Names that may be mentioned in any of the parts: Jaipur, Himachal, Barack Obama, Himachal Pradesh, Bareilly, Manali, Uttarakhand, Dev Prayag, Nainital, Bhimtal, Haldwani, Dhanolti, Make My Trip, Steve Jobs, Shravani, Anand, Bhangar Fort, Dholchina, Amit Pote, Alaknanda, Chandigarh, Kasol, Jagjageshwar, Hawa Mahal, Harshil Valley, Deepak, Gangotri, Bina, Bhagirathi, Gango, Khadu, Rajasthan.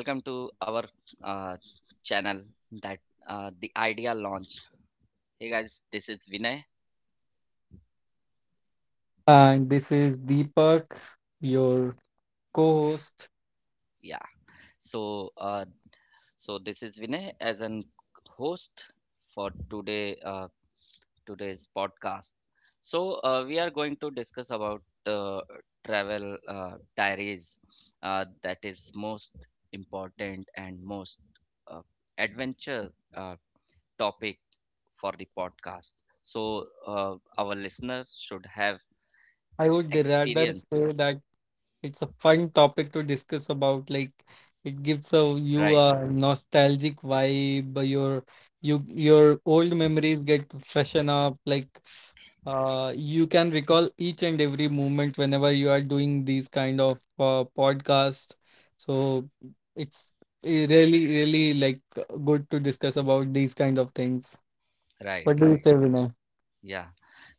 welcome to our uh, channel that the idea launch. Hey guys, this is Vinay. And this is Deepak, your co host. Yeah. So uh, so this is Vinay as an host for today's podcast. So we are going to discuss about travel diaries that is most important and most uh, adventure uh, topic for the podcast. So our listeners should have I would rather experience, say that it's a fun topic to discuss about. Like, it gives you right? a nostalgic vibe. Your old memories get freshen up. Like, you can recall each and every moment whenever you are doing these kind of podcasts. So it's really, really like good to discuss about these kind of things. Right, What do you right. say, Vinay? Yeah.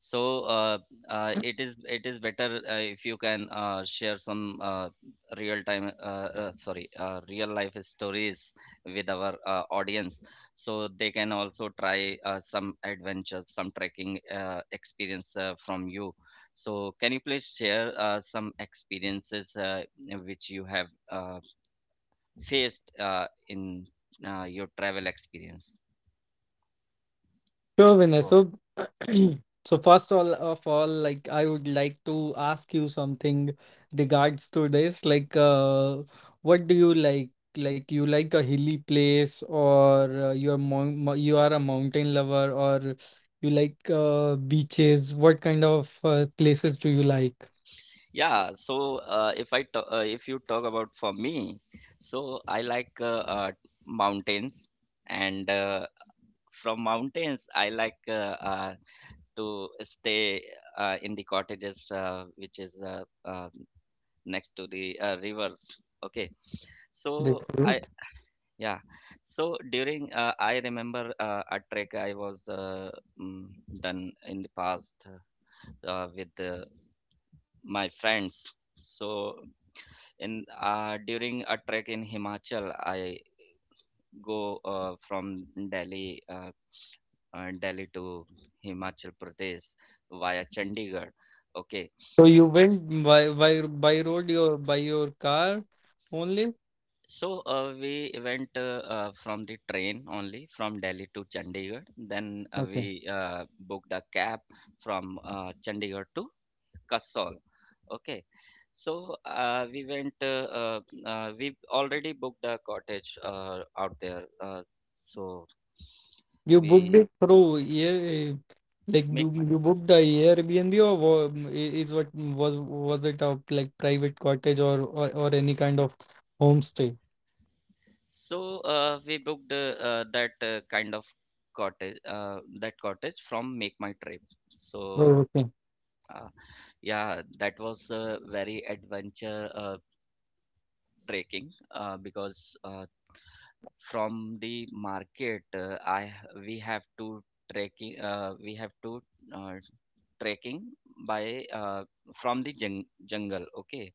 So it is better if you can share some real time, sorry, real life stories with our audience, so they can also try some adventures, some trekking experience from you. So can you please share some experiences which you have faced in your travel experience. Sure, Vinay. So, So, first all of all, like I would like to ask you something regards to this. Like, what do you like? Like, you like a hilly place, or you're you are a mountain lover, or you like beaches? What kind of places do you like? yeah, so if I ta- if you talk about for me, so I like mountains, and from mountains I like to stay in the cottages which is next to the rivers. Okay, so That's I. it. Yeah. So during I remember a trek I was mm, done in the past with my friends. So in during a trek in Himachal, I go from Delhi to Himachal Pradesh via Chandigarh. Okay. So you went by by road your by your car only? So we went from the train only from Delhi to Chandigarh. Then we booked a cab from Chandigarh to Kasol. Okay, so we went. We already booked a cottage out there. So You booked we it through yeah, like make money. you booked the Airbnb or is what was it a like private cottage or any kind of homestay? So we booked that kind of cottage, that cottage from Make My Trip. So Oh, okay. Uh, yeah, that was a very adventure trekking because from the market I we have to trekking, we have to uh, trekking by from the jungle. Okay,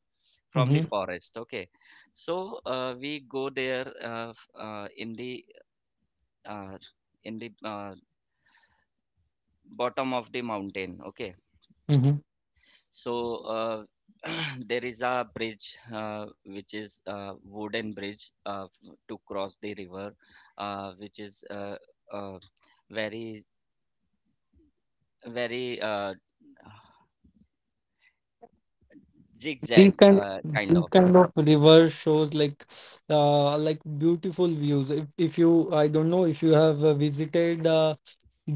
from the Mm-hmm. forest. Okay, so we go there uh, in the bottom of the mountain. Okay. Mm-hmm. So there is a bridge which is a wooden bridge to cross the river, which is uh, very very These zigzag kind of kind these of. kind of river shows like beautiful views. If you, I don't know if you have visited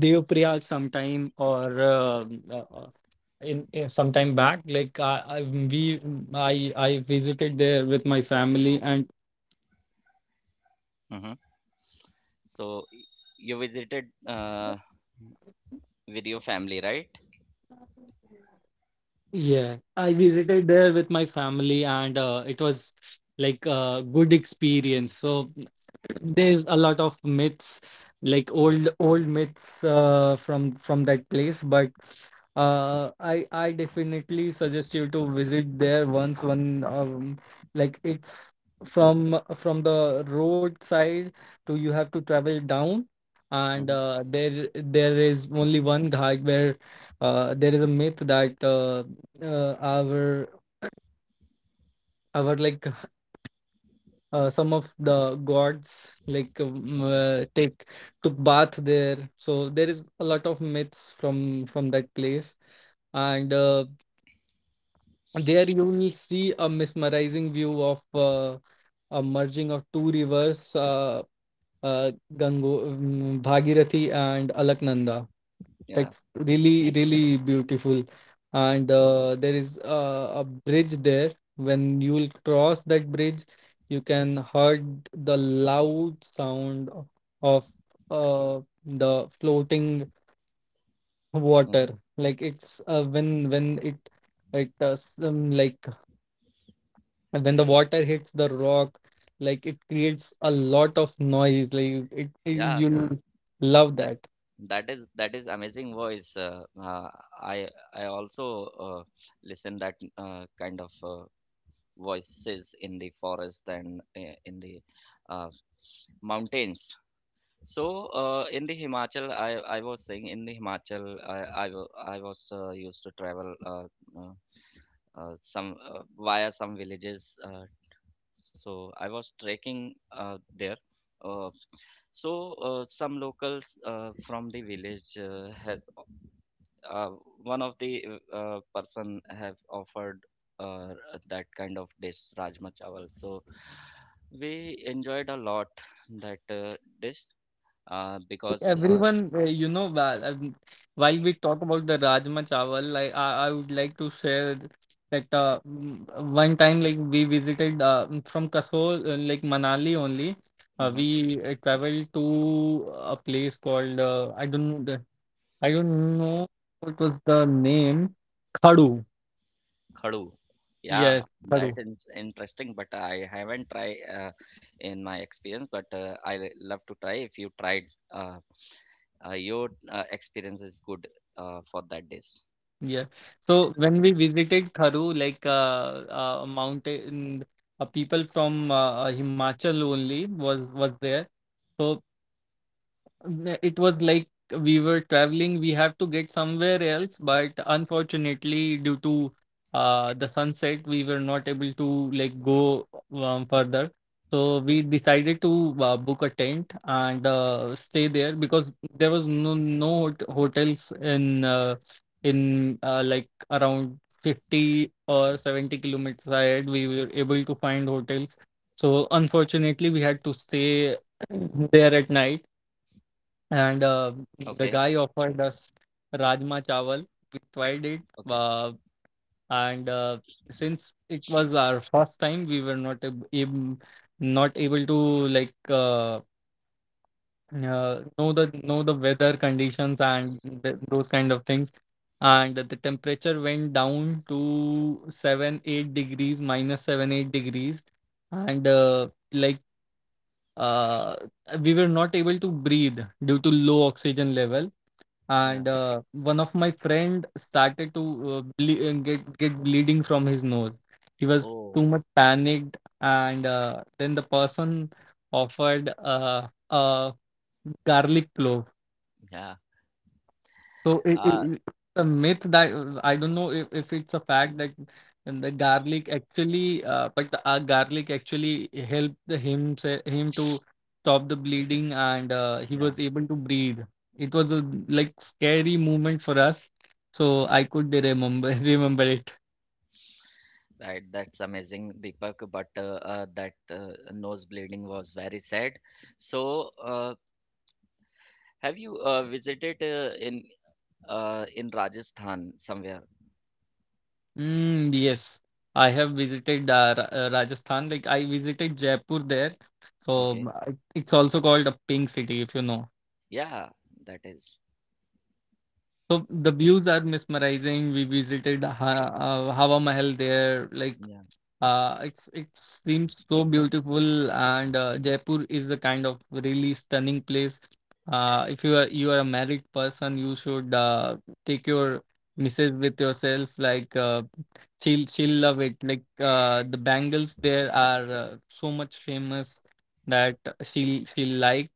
Dev Prayag sometime or uh, in some time back like I visited there with my family and Mm-hmm. So you visited with your family, right? yeah, I visited there with my family and it was like a good experience. So there's a lot of myths, like old myths from that place, but I definitely suggest you to visit there once one like it's from the road side to, you have to travel down and Mm-hmm. There there is only one ghat where there is a myth that our like some of the gods like Okay. Take took bath there, so there is a lot of myths from that place, and there you will see a mesmerizing view of a merging of two rivers Gango, Bhagirathi and Alaknanda. Yeah. Like really, really beautiful. And there is a bridge there. When you will cross that bridge, you can heard the loud sound of the floating Mm-hmm. water. Like it's when it some, like, and when the water hits the rock, like it creates a lot of noise like it Yeah. you love That that. that is amazing voice. I I also listen that kind of. Voices in the forest and in the uh, mountains. So in the Himachal, I was saying in the Himachal, I was used to travel some via some villages. So I was trekking there. Uh, so some locals from the village had uh, one of the person have offered uh, that kind of dish rajma chawal, so we enjoyed a lot that dish because Everyone you know while we talk about the rajma chawal, like I would like to share that one time like we visited from kasol like manali only mhm, we traveled to a place called I don't know the, I don't know what was the name. Khadu. khadu, yeah, Yes, khadu. that is interesting, but I haven't tried in my experience, but love to try if you tried uh, your experience is good for that dish. Yeah. So when we visited Tharu, like a mountain, people from Himachal only was there. So N- It was like we were traveling. We have to get somewhere else, but unfortunately, due to the sunset, we were not able to like go further. So we decided to book a tent and stay there because there was no hotels in like around 50 or 70 kilometers ahead. We were able to find hotels. So unfortunately, we had to stay there at night and Okay. the guy offered us rajma chawal. We tried it, Okay. uh, and since it was our first time we were not not able to like know the weather conditions and those kind of things, and the temperature went down to 7 8 degrees, minus 7 8 degrees, and like uh, we were not able to breathe due to low oxygen level, Yeah. and one of my friend started to get bleeding from his nose. He was Oh. too much panicked, and then the person offered a garlic clove. Yeah. So Ah. A myth that I don't know if it's a fact that, and the garlic actually, but the garlic actually helped the him to stop the bleeding, and he was able to breathe. It was a like scary moment for us, so I could remember remember it. Right, that's amazing, Deepak. But that nose bleeding was very sad. So, have you visited in Rajasthan somewhere? Mm, yes, I have visited Rajasthan. Like I visited Jaipur there, so Okay, I- it's also called a pink city if you know. yeah, that is. So the views are mesmerizing. We visited Hawa Mahal there. Like Yeah, it seems so beautiful, and Jaipur is a kind of really stunning place. If you are a married person, you should take your missus with yourself. Like she'll love it. Like the bangles there are so much famous that she'll like.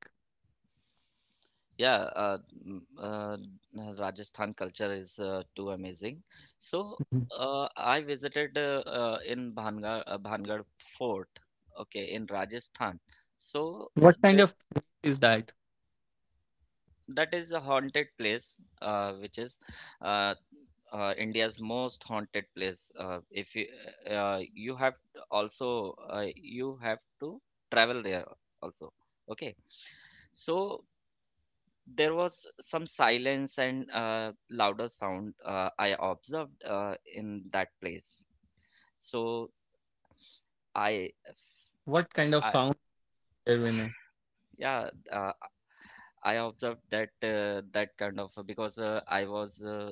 yeah. Mm, uh, Rajasthan culture is too amazing. So, Mhm. I visited in Bhangar Fort. Okay, in Rajasthan. So. What kind of is that? That is a haunted place which is uh, India's most haunted place. If you have to also you have to travel there also. Okay, so there was some silence and louder sound I observed in that place. So i What kind of i sound, Vinay? yeah, I observed that that kind of, because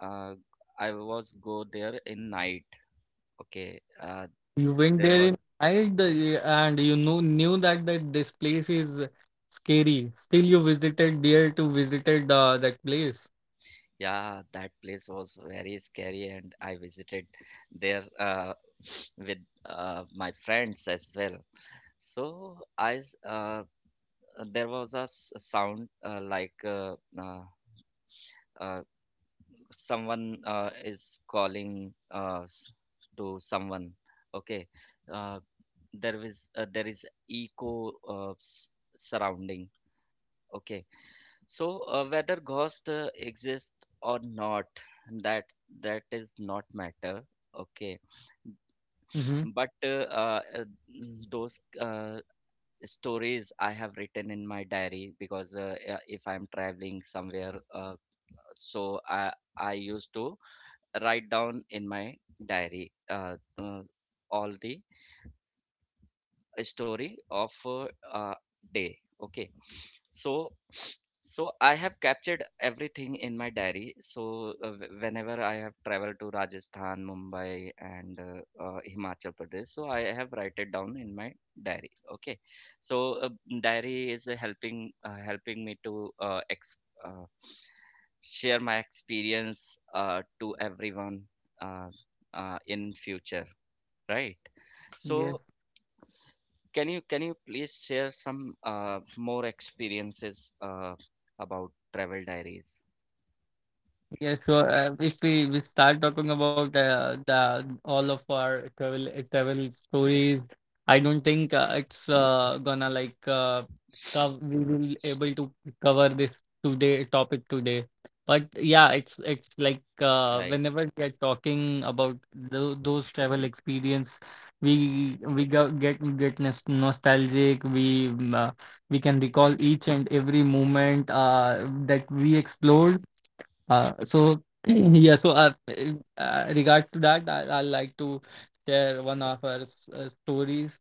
uh, I was go there in night. Okay, You went there there was, in night and you know knew that, that this place is scary. Still, you visited there to visited that place. yeah, that place was very scary, and I visited there with my friends as well. So there was a sound like uh, someone is calling to someone. Okay, uh, there is echo surrounding. Okay. So whether ghost exist or not, that that is not matter. Okay, Mm-hmm. but uh, uh, those stories I have written in my diary, because if I'm traveling somewhere, so I used to write down in my diary all the story of a uh, day. Okay. So so I have captured everything in my diary. So whenever I have traveled to Rajasthan, Mumbai, and Himachal Pradesh, so I have write it down in my diary. Okay. So uh, diary is helping me to uh, ex- uh, share my experience to everyone uh, in future, right? So can you please share some more experiences about travel diaries? Yeah, sure. If we start talking about the all of our travel stories, I don't think it's gonna like cov we will able to cover this today topic today. But yeah, it's like Right. whenever we are talking about those travel experience, we go, get nostalgic. We can recall each and every moment that we explored so yeah, so regards to that, I like to share one of our stories.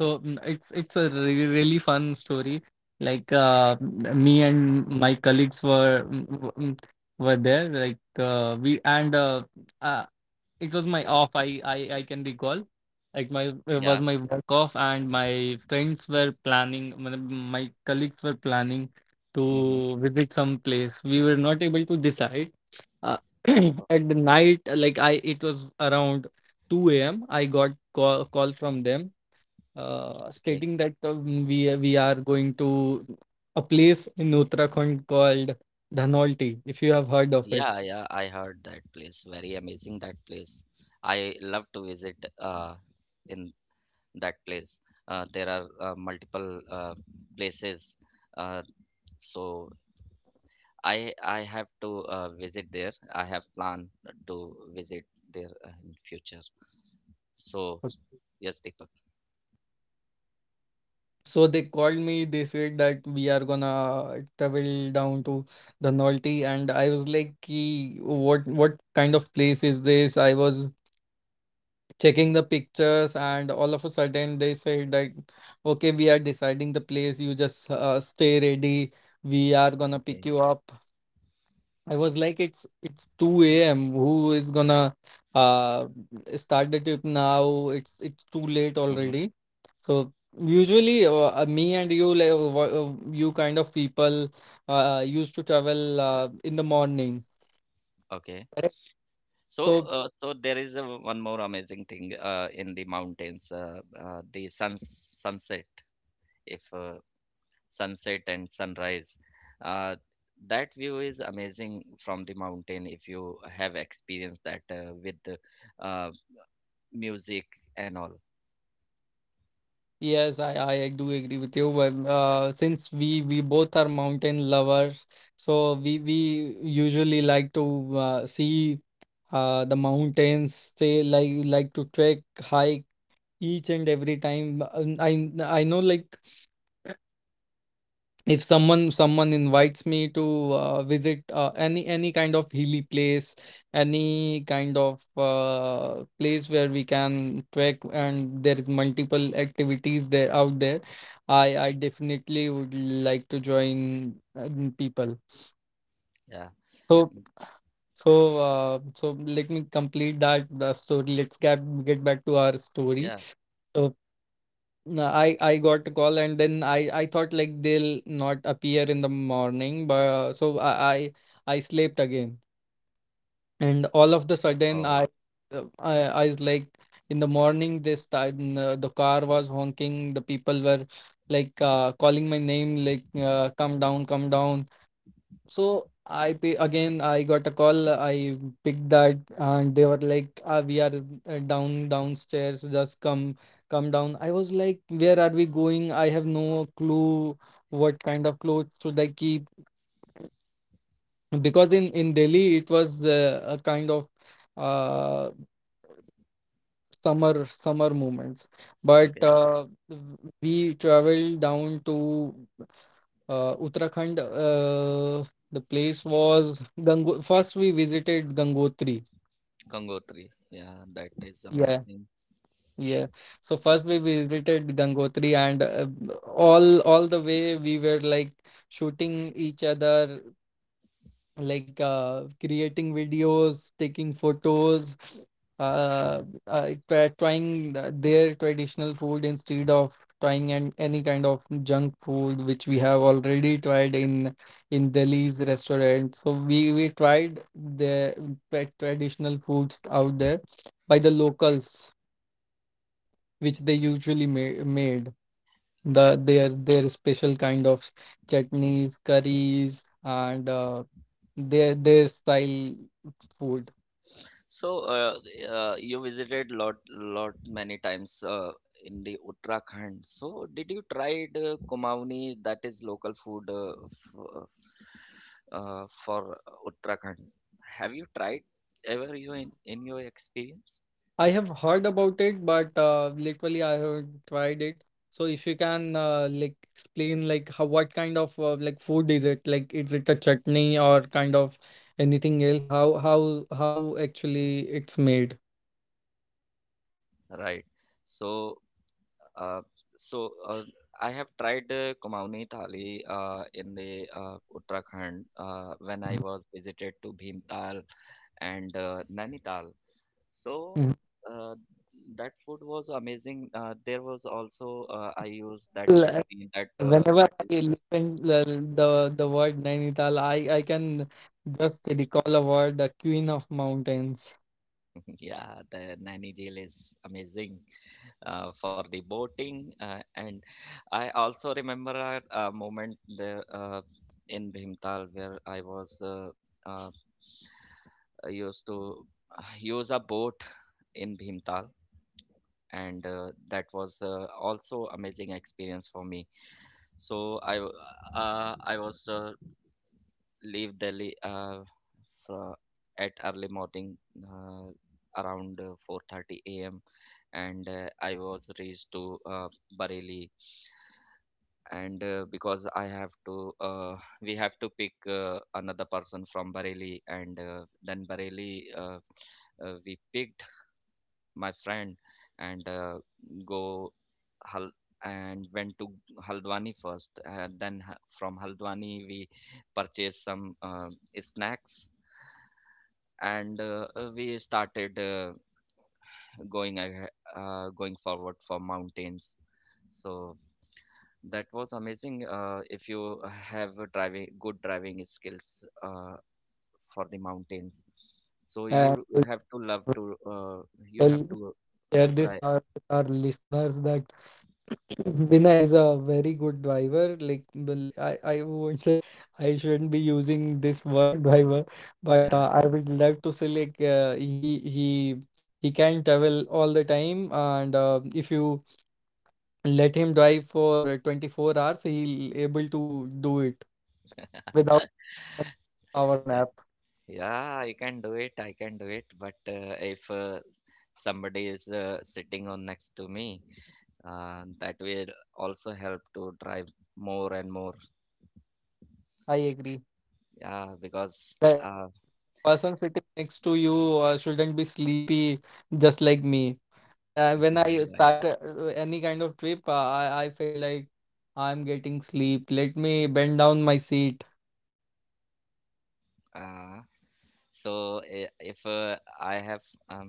So it's a really, really fun story. Like me and my colleagues were were there. Like we and I it was my I can recall like my, it was Yeah. my work off and my friends were planning my colleagues were planning to Mm-hmm. visit some place. We were not able to decide uh, at the night like I it was around 2 a.m. I got call from them Okay. stating that we are going to a place in uttarakhand called dhanolti, if you have heard of it. Yeah, yeah, I heard that place. Very amazing that place. I love to visit in that place. There are multiple places. Uh, so I have to visit there. I have planned to visit there in future. So yes, Deepak. So they called me, they said that we are gonna travel down to the Norte, and I was like, "Ki, what kind of place is this?" I was checking the pictures, and all of a sudden they said that, okay, we are deciding the place. You just stay ready. We are gonna pick Okay. you up. I was like, it's 2 a.m. Who is gonna uh start the trip now? It's too late Mm-hmm. already. So usually, me and you, like you kind of people, used to travel in the morning. Okay. Correct. So, So uh, so there is a, one more amazing thing in the mountains, the sunset. If sunset and sunrise, uh, that view is amazing from the mountain. If you have experienced that with the, uh, music and all, yes, I do agree with you. But since we both are mountain lovers, so we usually like to see the mountains. They like to trek, hike each and every time. I know like if someone invites me to visit any kind of hilly place, any kind of place where we can trek and there is multiple activities there out there, I definitely would like to join people, yeah. so Mm, so so let me complete that the story. Let's get back to our story. yeah. So, no, I got a call and then I thought like they'll not appear in the morning, but I slept again, and all of the sudden Oh, I uh, I I was like, in the morning this time the car was honking, the people were like calling my name like come down, come down. So I pay again. I got a call. I picked that, and they were like, ah, "We are down downstairs. Just come, come down." I was like, "Where are we going?" I have no clue what kind of clothes should I keep because in Delhi it was a kind of uh summer summer moments, but okay. We traveled down to uttarakhand. Uh, the place was Gango, first we visited gangotri. Gangotri, yeah, that is Yeah, amazing. yeah, so first we visited gangotri, and all the way we were like shooting each other, like creating videos, taking photos, Mm-hmm. Trying their traditional food instead of trying any kind of junk food which we have already tried in Delhi's restaurant. So we tried the traditional foods out there by the locals, which they usually made the their special kind of chutneys, curries, and. Their style food. So, you visited lot, lot many times in the Uttarakhand. So, did you try the Kumauni, that is local food, f for Uttarakhand? Have you tried ever you in your experience? I have heard about it, but literally I haven't tried it. So if you can like explain like how what kind of like food is it? Like is it a chutney or kind of anything else? How actually it's made? Right. So, uh, so, I have tried the Kumauni thali in the Uttarakhand when I was visited to Bhimtal and Nainital. So Mhm. uh, that food was amazing. There was also I used that L- chutney that Whenever that is I listen the the word Nainital, I can just recall a word, the Queen of Mountains. yeah the nani jail is amazing for the boating, and I also remember a moment there in Bhimtal where uh, I used to use a boat in Bhimtal, and that was also amazing experience for me. So I was leave Delhi fro- at early morning uh, around 4:30 a.m. and I was reached to Bareilly, and because I have to, we have to pick another person from Bareilly, and then Bareilly, we picked my friend, and uh, go Hal and went to Haldwani first. Then from Haldwani we purchased some snacks, and we started going ahe- going forward for mountains. So that was amazing. If you have a driving good driving skills for the mountains, so Uh, you have to love to you tell have to Share this drive. With our listeners that Bina is a very good driver. Like, well, I won't say I shouldn't be using this word driver, but Yeah. I would like to say, like he can travel all the time, and if you let him drive for 24 hours, he'll able to do it Yeah. without any power nap. Yeah, I can do it. I can do it. But if somebody is sitting on next to me, that will also help to drive more and more. I agree. Yeah, because The person sitting next to you shouldn't be sleepy, just like me. When I right. start any kind of trip, I feel like I'm getting sleep. Let me bend down my seat Uh, so if I have um,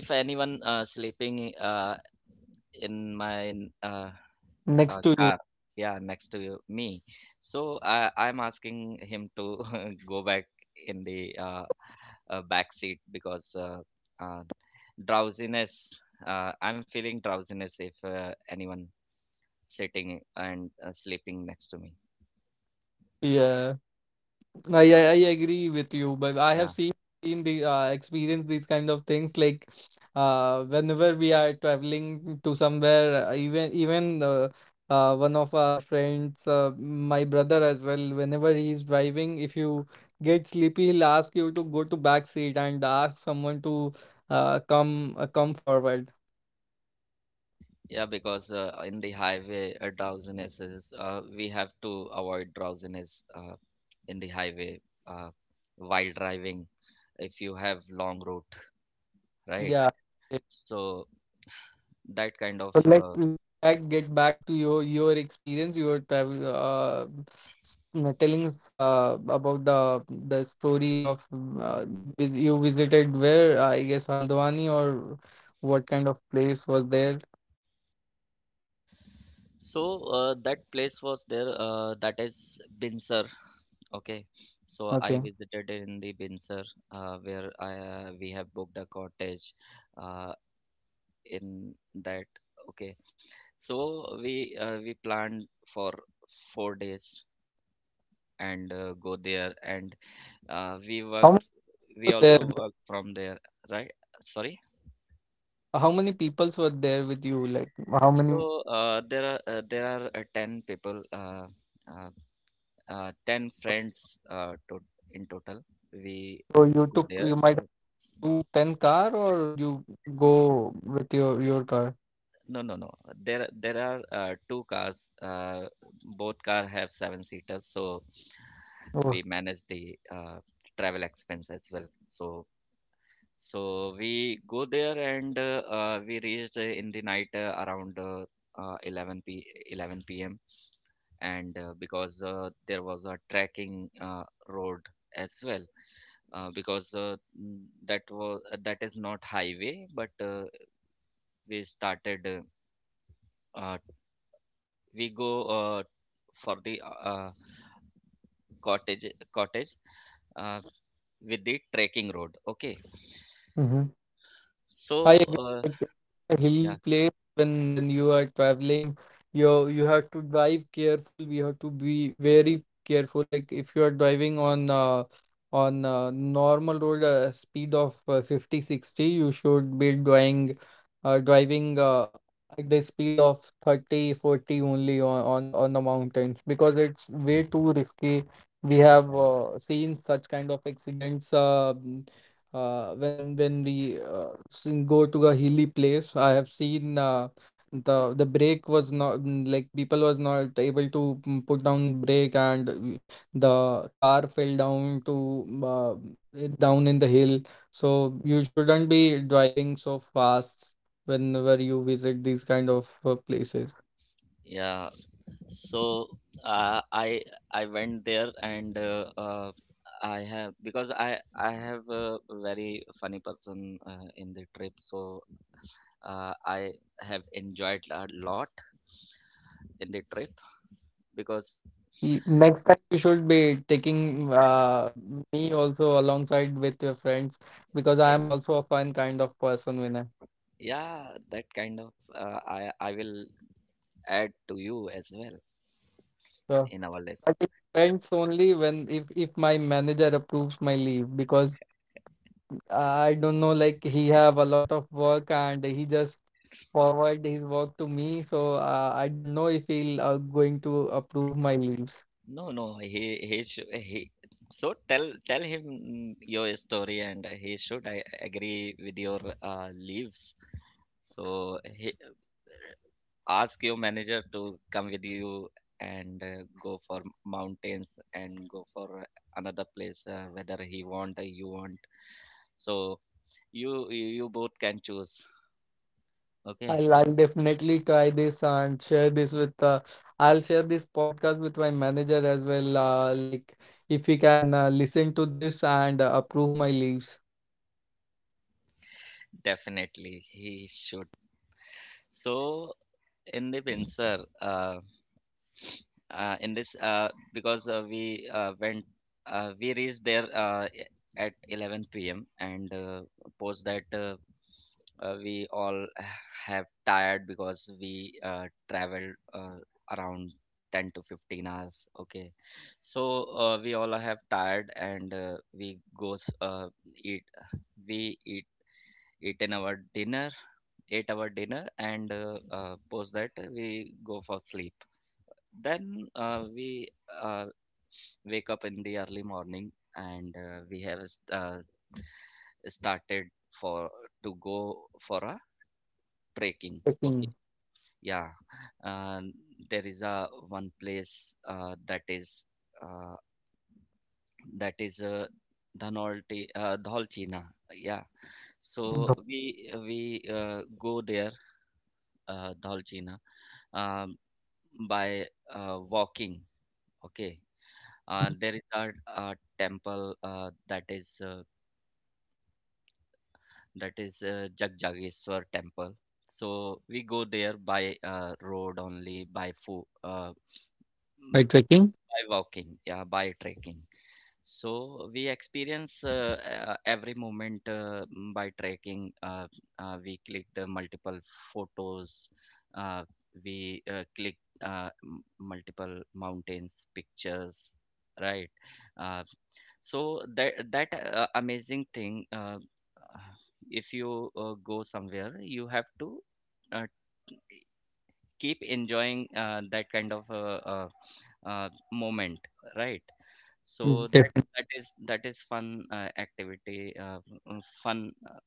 if anyone sleeping in my next to you. car. Yeah, next to me. So I'm asking him to go back in the back seat because uh, drowsiness. I'm feeling drowsiness if anyone sitting and sleeping next to me. Yeah. I agree with you, but I have Yeah, seen the experience, these kind of things, like whenever we are traveling to somewhere, even one of our friends, my brother as well, whenever he's driving, if you get sleepy he'll ask you to go to back seat and ask someone to come come forward, yeah, because in the highway, drowsiness is we have to avoid drowsiness in the highway uh, while driving, if you have long route, right? yeah. So that kind of So let let get back to your experience. You were telling us about the story of, you visited, where I guess Haldwani, or what kind of place was there? so that place was there, that is Binsar. Okay, so I Okay, visited in the Binsar where I we have booked a cottage uh, in that. Okay, so we planned for 4 days and go there, and uh, we how worked many were we there? also worked from there, right. Sorry. How many peoples were there with you? Like, how many people? So there are 10 people, uh, 10 friends to in total. We So you go took there. you might have two ten car, or you go with your car? No, no, no. There are two cars. Uh, Both car have seven seaters, so we manage the travel expense as well. So, we go there and we reached in the night around uh, 11 p 11 p.m., and because there was a trekking road as well, because that is not highway, but we started uh, uh, we go uh, for the cottage cottage uh, with the trekking road. Okay, Oh. I so agree. uh, Like, a hilly yeah, place, when you are traveling, you have to drive careful. We have to be very careful. Like, if you are driving on normal road, speed of 50, 60, you should be driving uh, driving uh, at the speed of 30, 40 only on the mountains, because it's way too risky. We have yeah, seen such kind of accidents. When we go to a hilly place, I have seen the brake was not, like, people was not able to put down brake, and the car fell down to, it down in the hill. So you shouldn't be driving so fast whenever you visit these kind of places. yeah, so uh, i I went there, and I have because I have a very funny person in the trip, so uh, I have enjoyed a lot in the trip, because Next time you should be taking me also alongside with your friends, because I am also a fun kind of person, Vinay. yeah that kind of I will add to you as well So, in our list. but it depends only when, if my manager approves my leave, because I don't know, like, he have a lot of work and he just forward his work to me. So I don't know if he'll going to approve my leaves. No, no, he he should, he so tell him your story, and he should I agree with your leaves. So he, ask your manager to come with you and go for mountains, and go for another place whether he want or you want. So you both can choose. Okay, I'll definitely try this and share this, with I'll share this podcast with my manager as well. Like, if he can listen to this and approve my leaves. definitely he should. So in the Windsor, in this because we reached there at 11 p.m. and post that. We all have tired because we traveled around 10 to 15 hours. Okay, so we all have tired, and eat we eat eaten our dinner ate our dinner, and post that we go for sleep. Then we uh, wake up in the early morning, and we have uh, started for to go for a trekking, okay? Checking. Yeah, um, there is a one place uh, that is Dhanolti, Dholchina. Yeah, so we go there, Dholchina, um, by walking. Okay, there is a temple that is Jagjageshwar temple. So we go there by road, only by foot. By checking? By walking, yeah, by trekking. So we experience every moment by trekking. We clicked multiple photos. Uh, we clicked multiple mountains pictures, right? Uh, so that amazing thing. Uh, if you go somewhere, you have to uh, keep enjoying that kind of moment, right? So that Definitely. that is that is fun activity, fun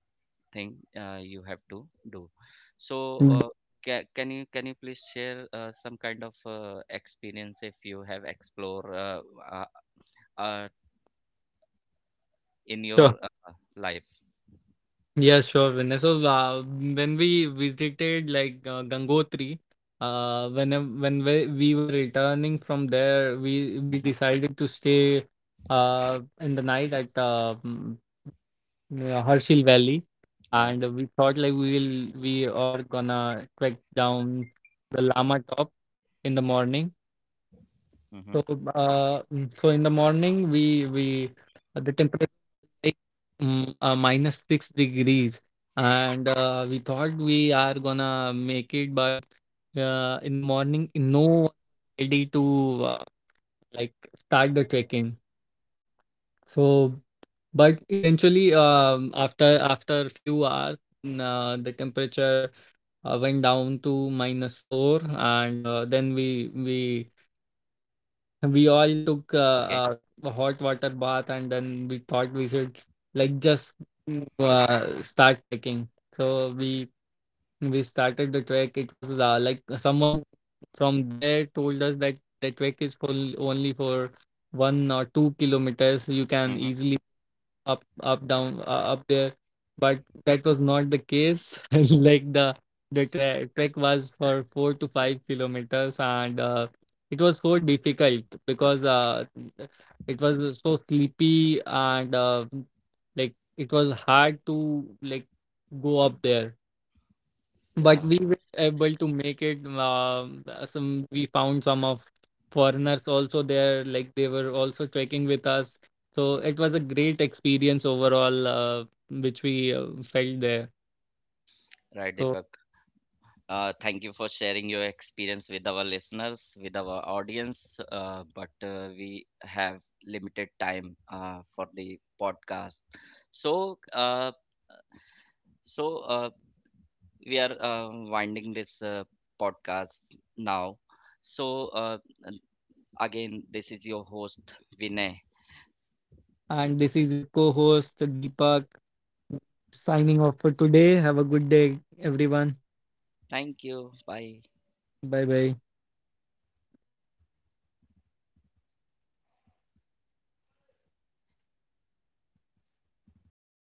thing you have to do. So ca can you please share some kind of experience if you have explored uh, in your life? Yeah, sure, Vinay. So when we visited like Gangotri, uh, when when we were returning from there, we Mm-hmm. decided to stay in the night at Harshil Valley, Yeah. and we thought like we are gonna trek down to the Lama top in the morning. Mm-hmm. So, uh, mm, so in the morning, we the temperature was like, minus 6 degrees, and we thought we are gonna make it, but in the morning, no one ready to uh, like start the trekking. So, but eventually, after few hours, the temperature went down to minus 4, and then we we all took Okay. A hot water bath, and then we thought we should, like, just start trekking. So we started the trek. It was like someone from there told us that the trek is full only for 1 or 2 kilometers, you can Mm-hmm. easily up up down up there, but that was not the case. Like, the trek was for 4 to 5 kilometers, and it was so difficult, because it was so sleepy, and like, it was hard to, like, go up there. But Yeah. we were able to make it. Some We found some of foreigners also there, like they were also trekking with us. So it was a great experience overall, which we felt there. Right, So, Deepak. Thank you for sharing your experience with our listeners, with our audience. But we have limited time for the podcast, so so uh, we are winding this podcast now. So again, this is your host Vinay. and this is your co-host Deepak, signing off for today. Have a good day, everyone. Thank you. Bye. Bye bye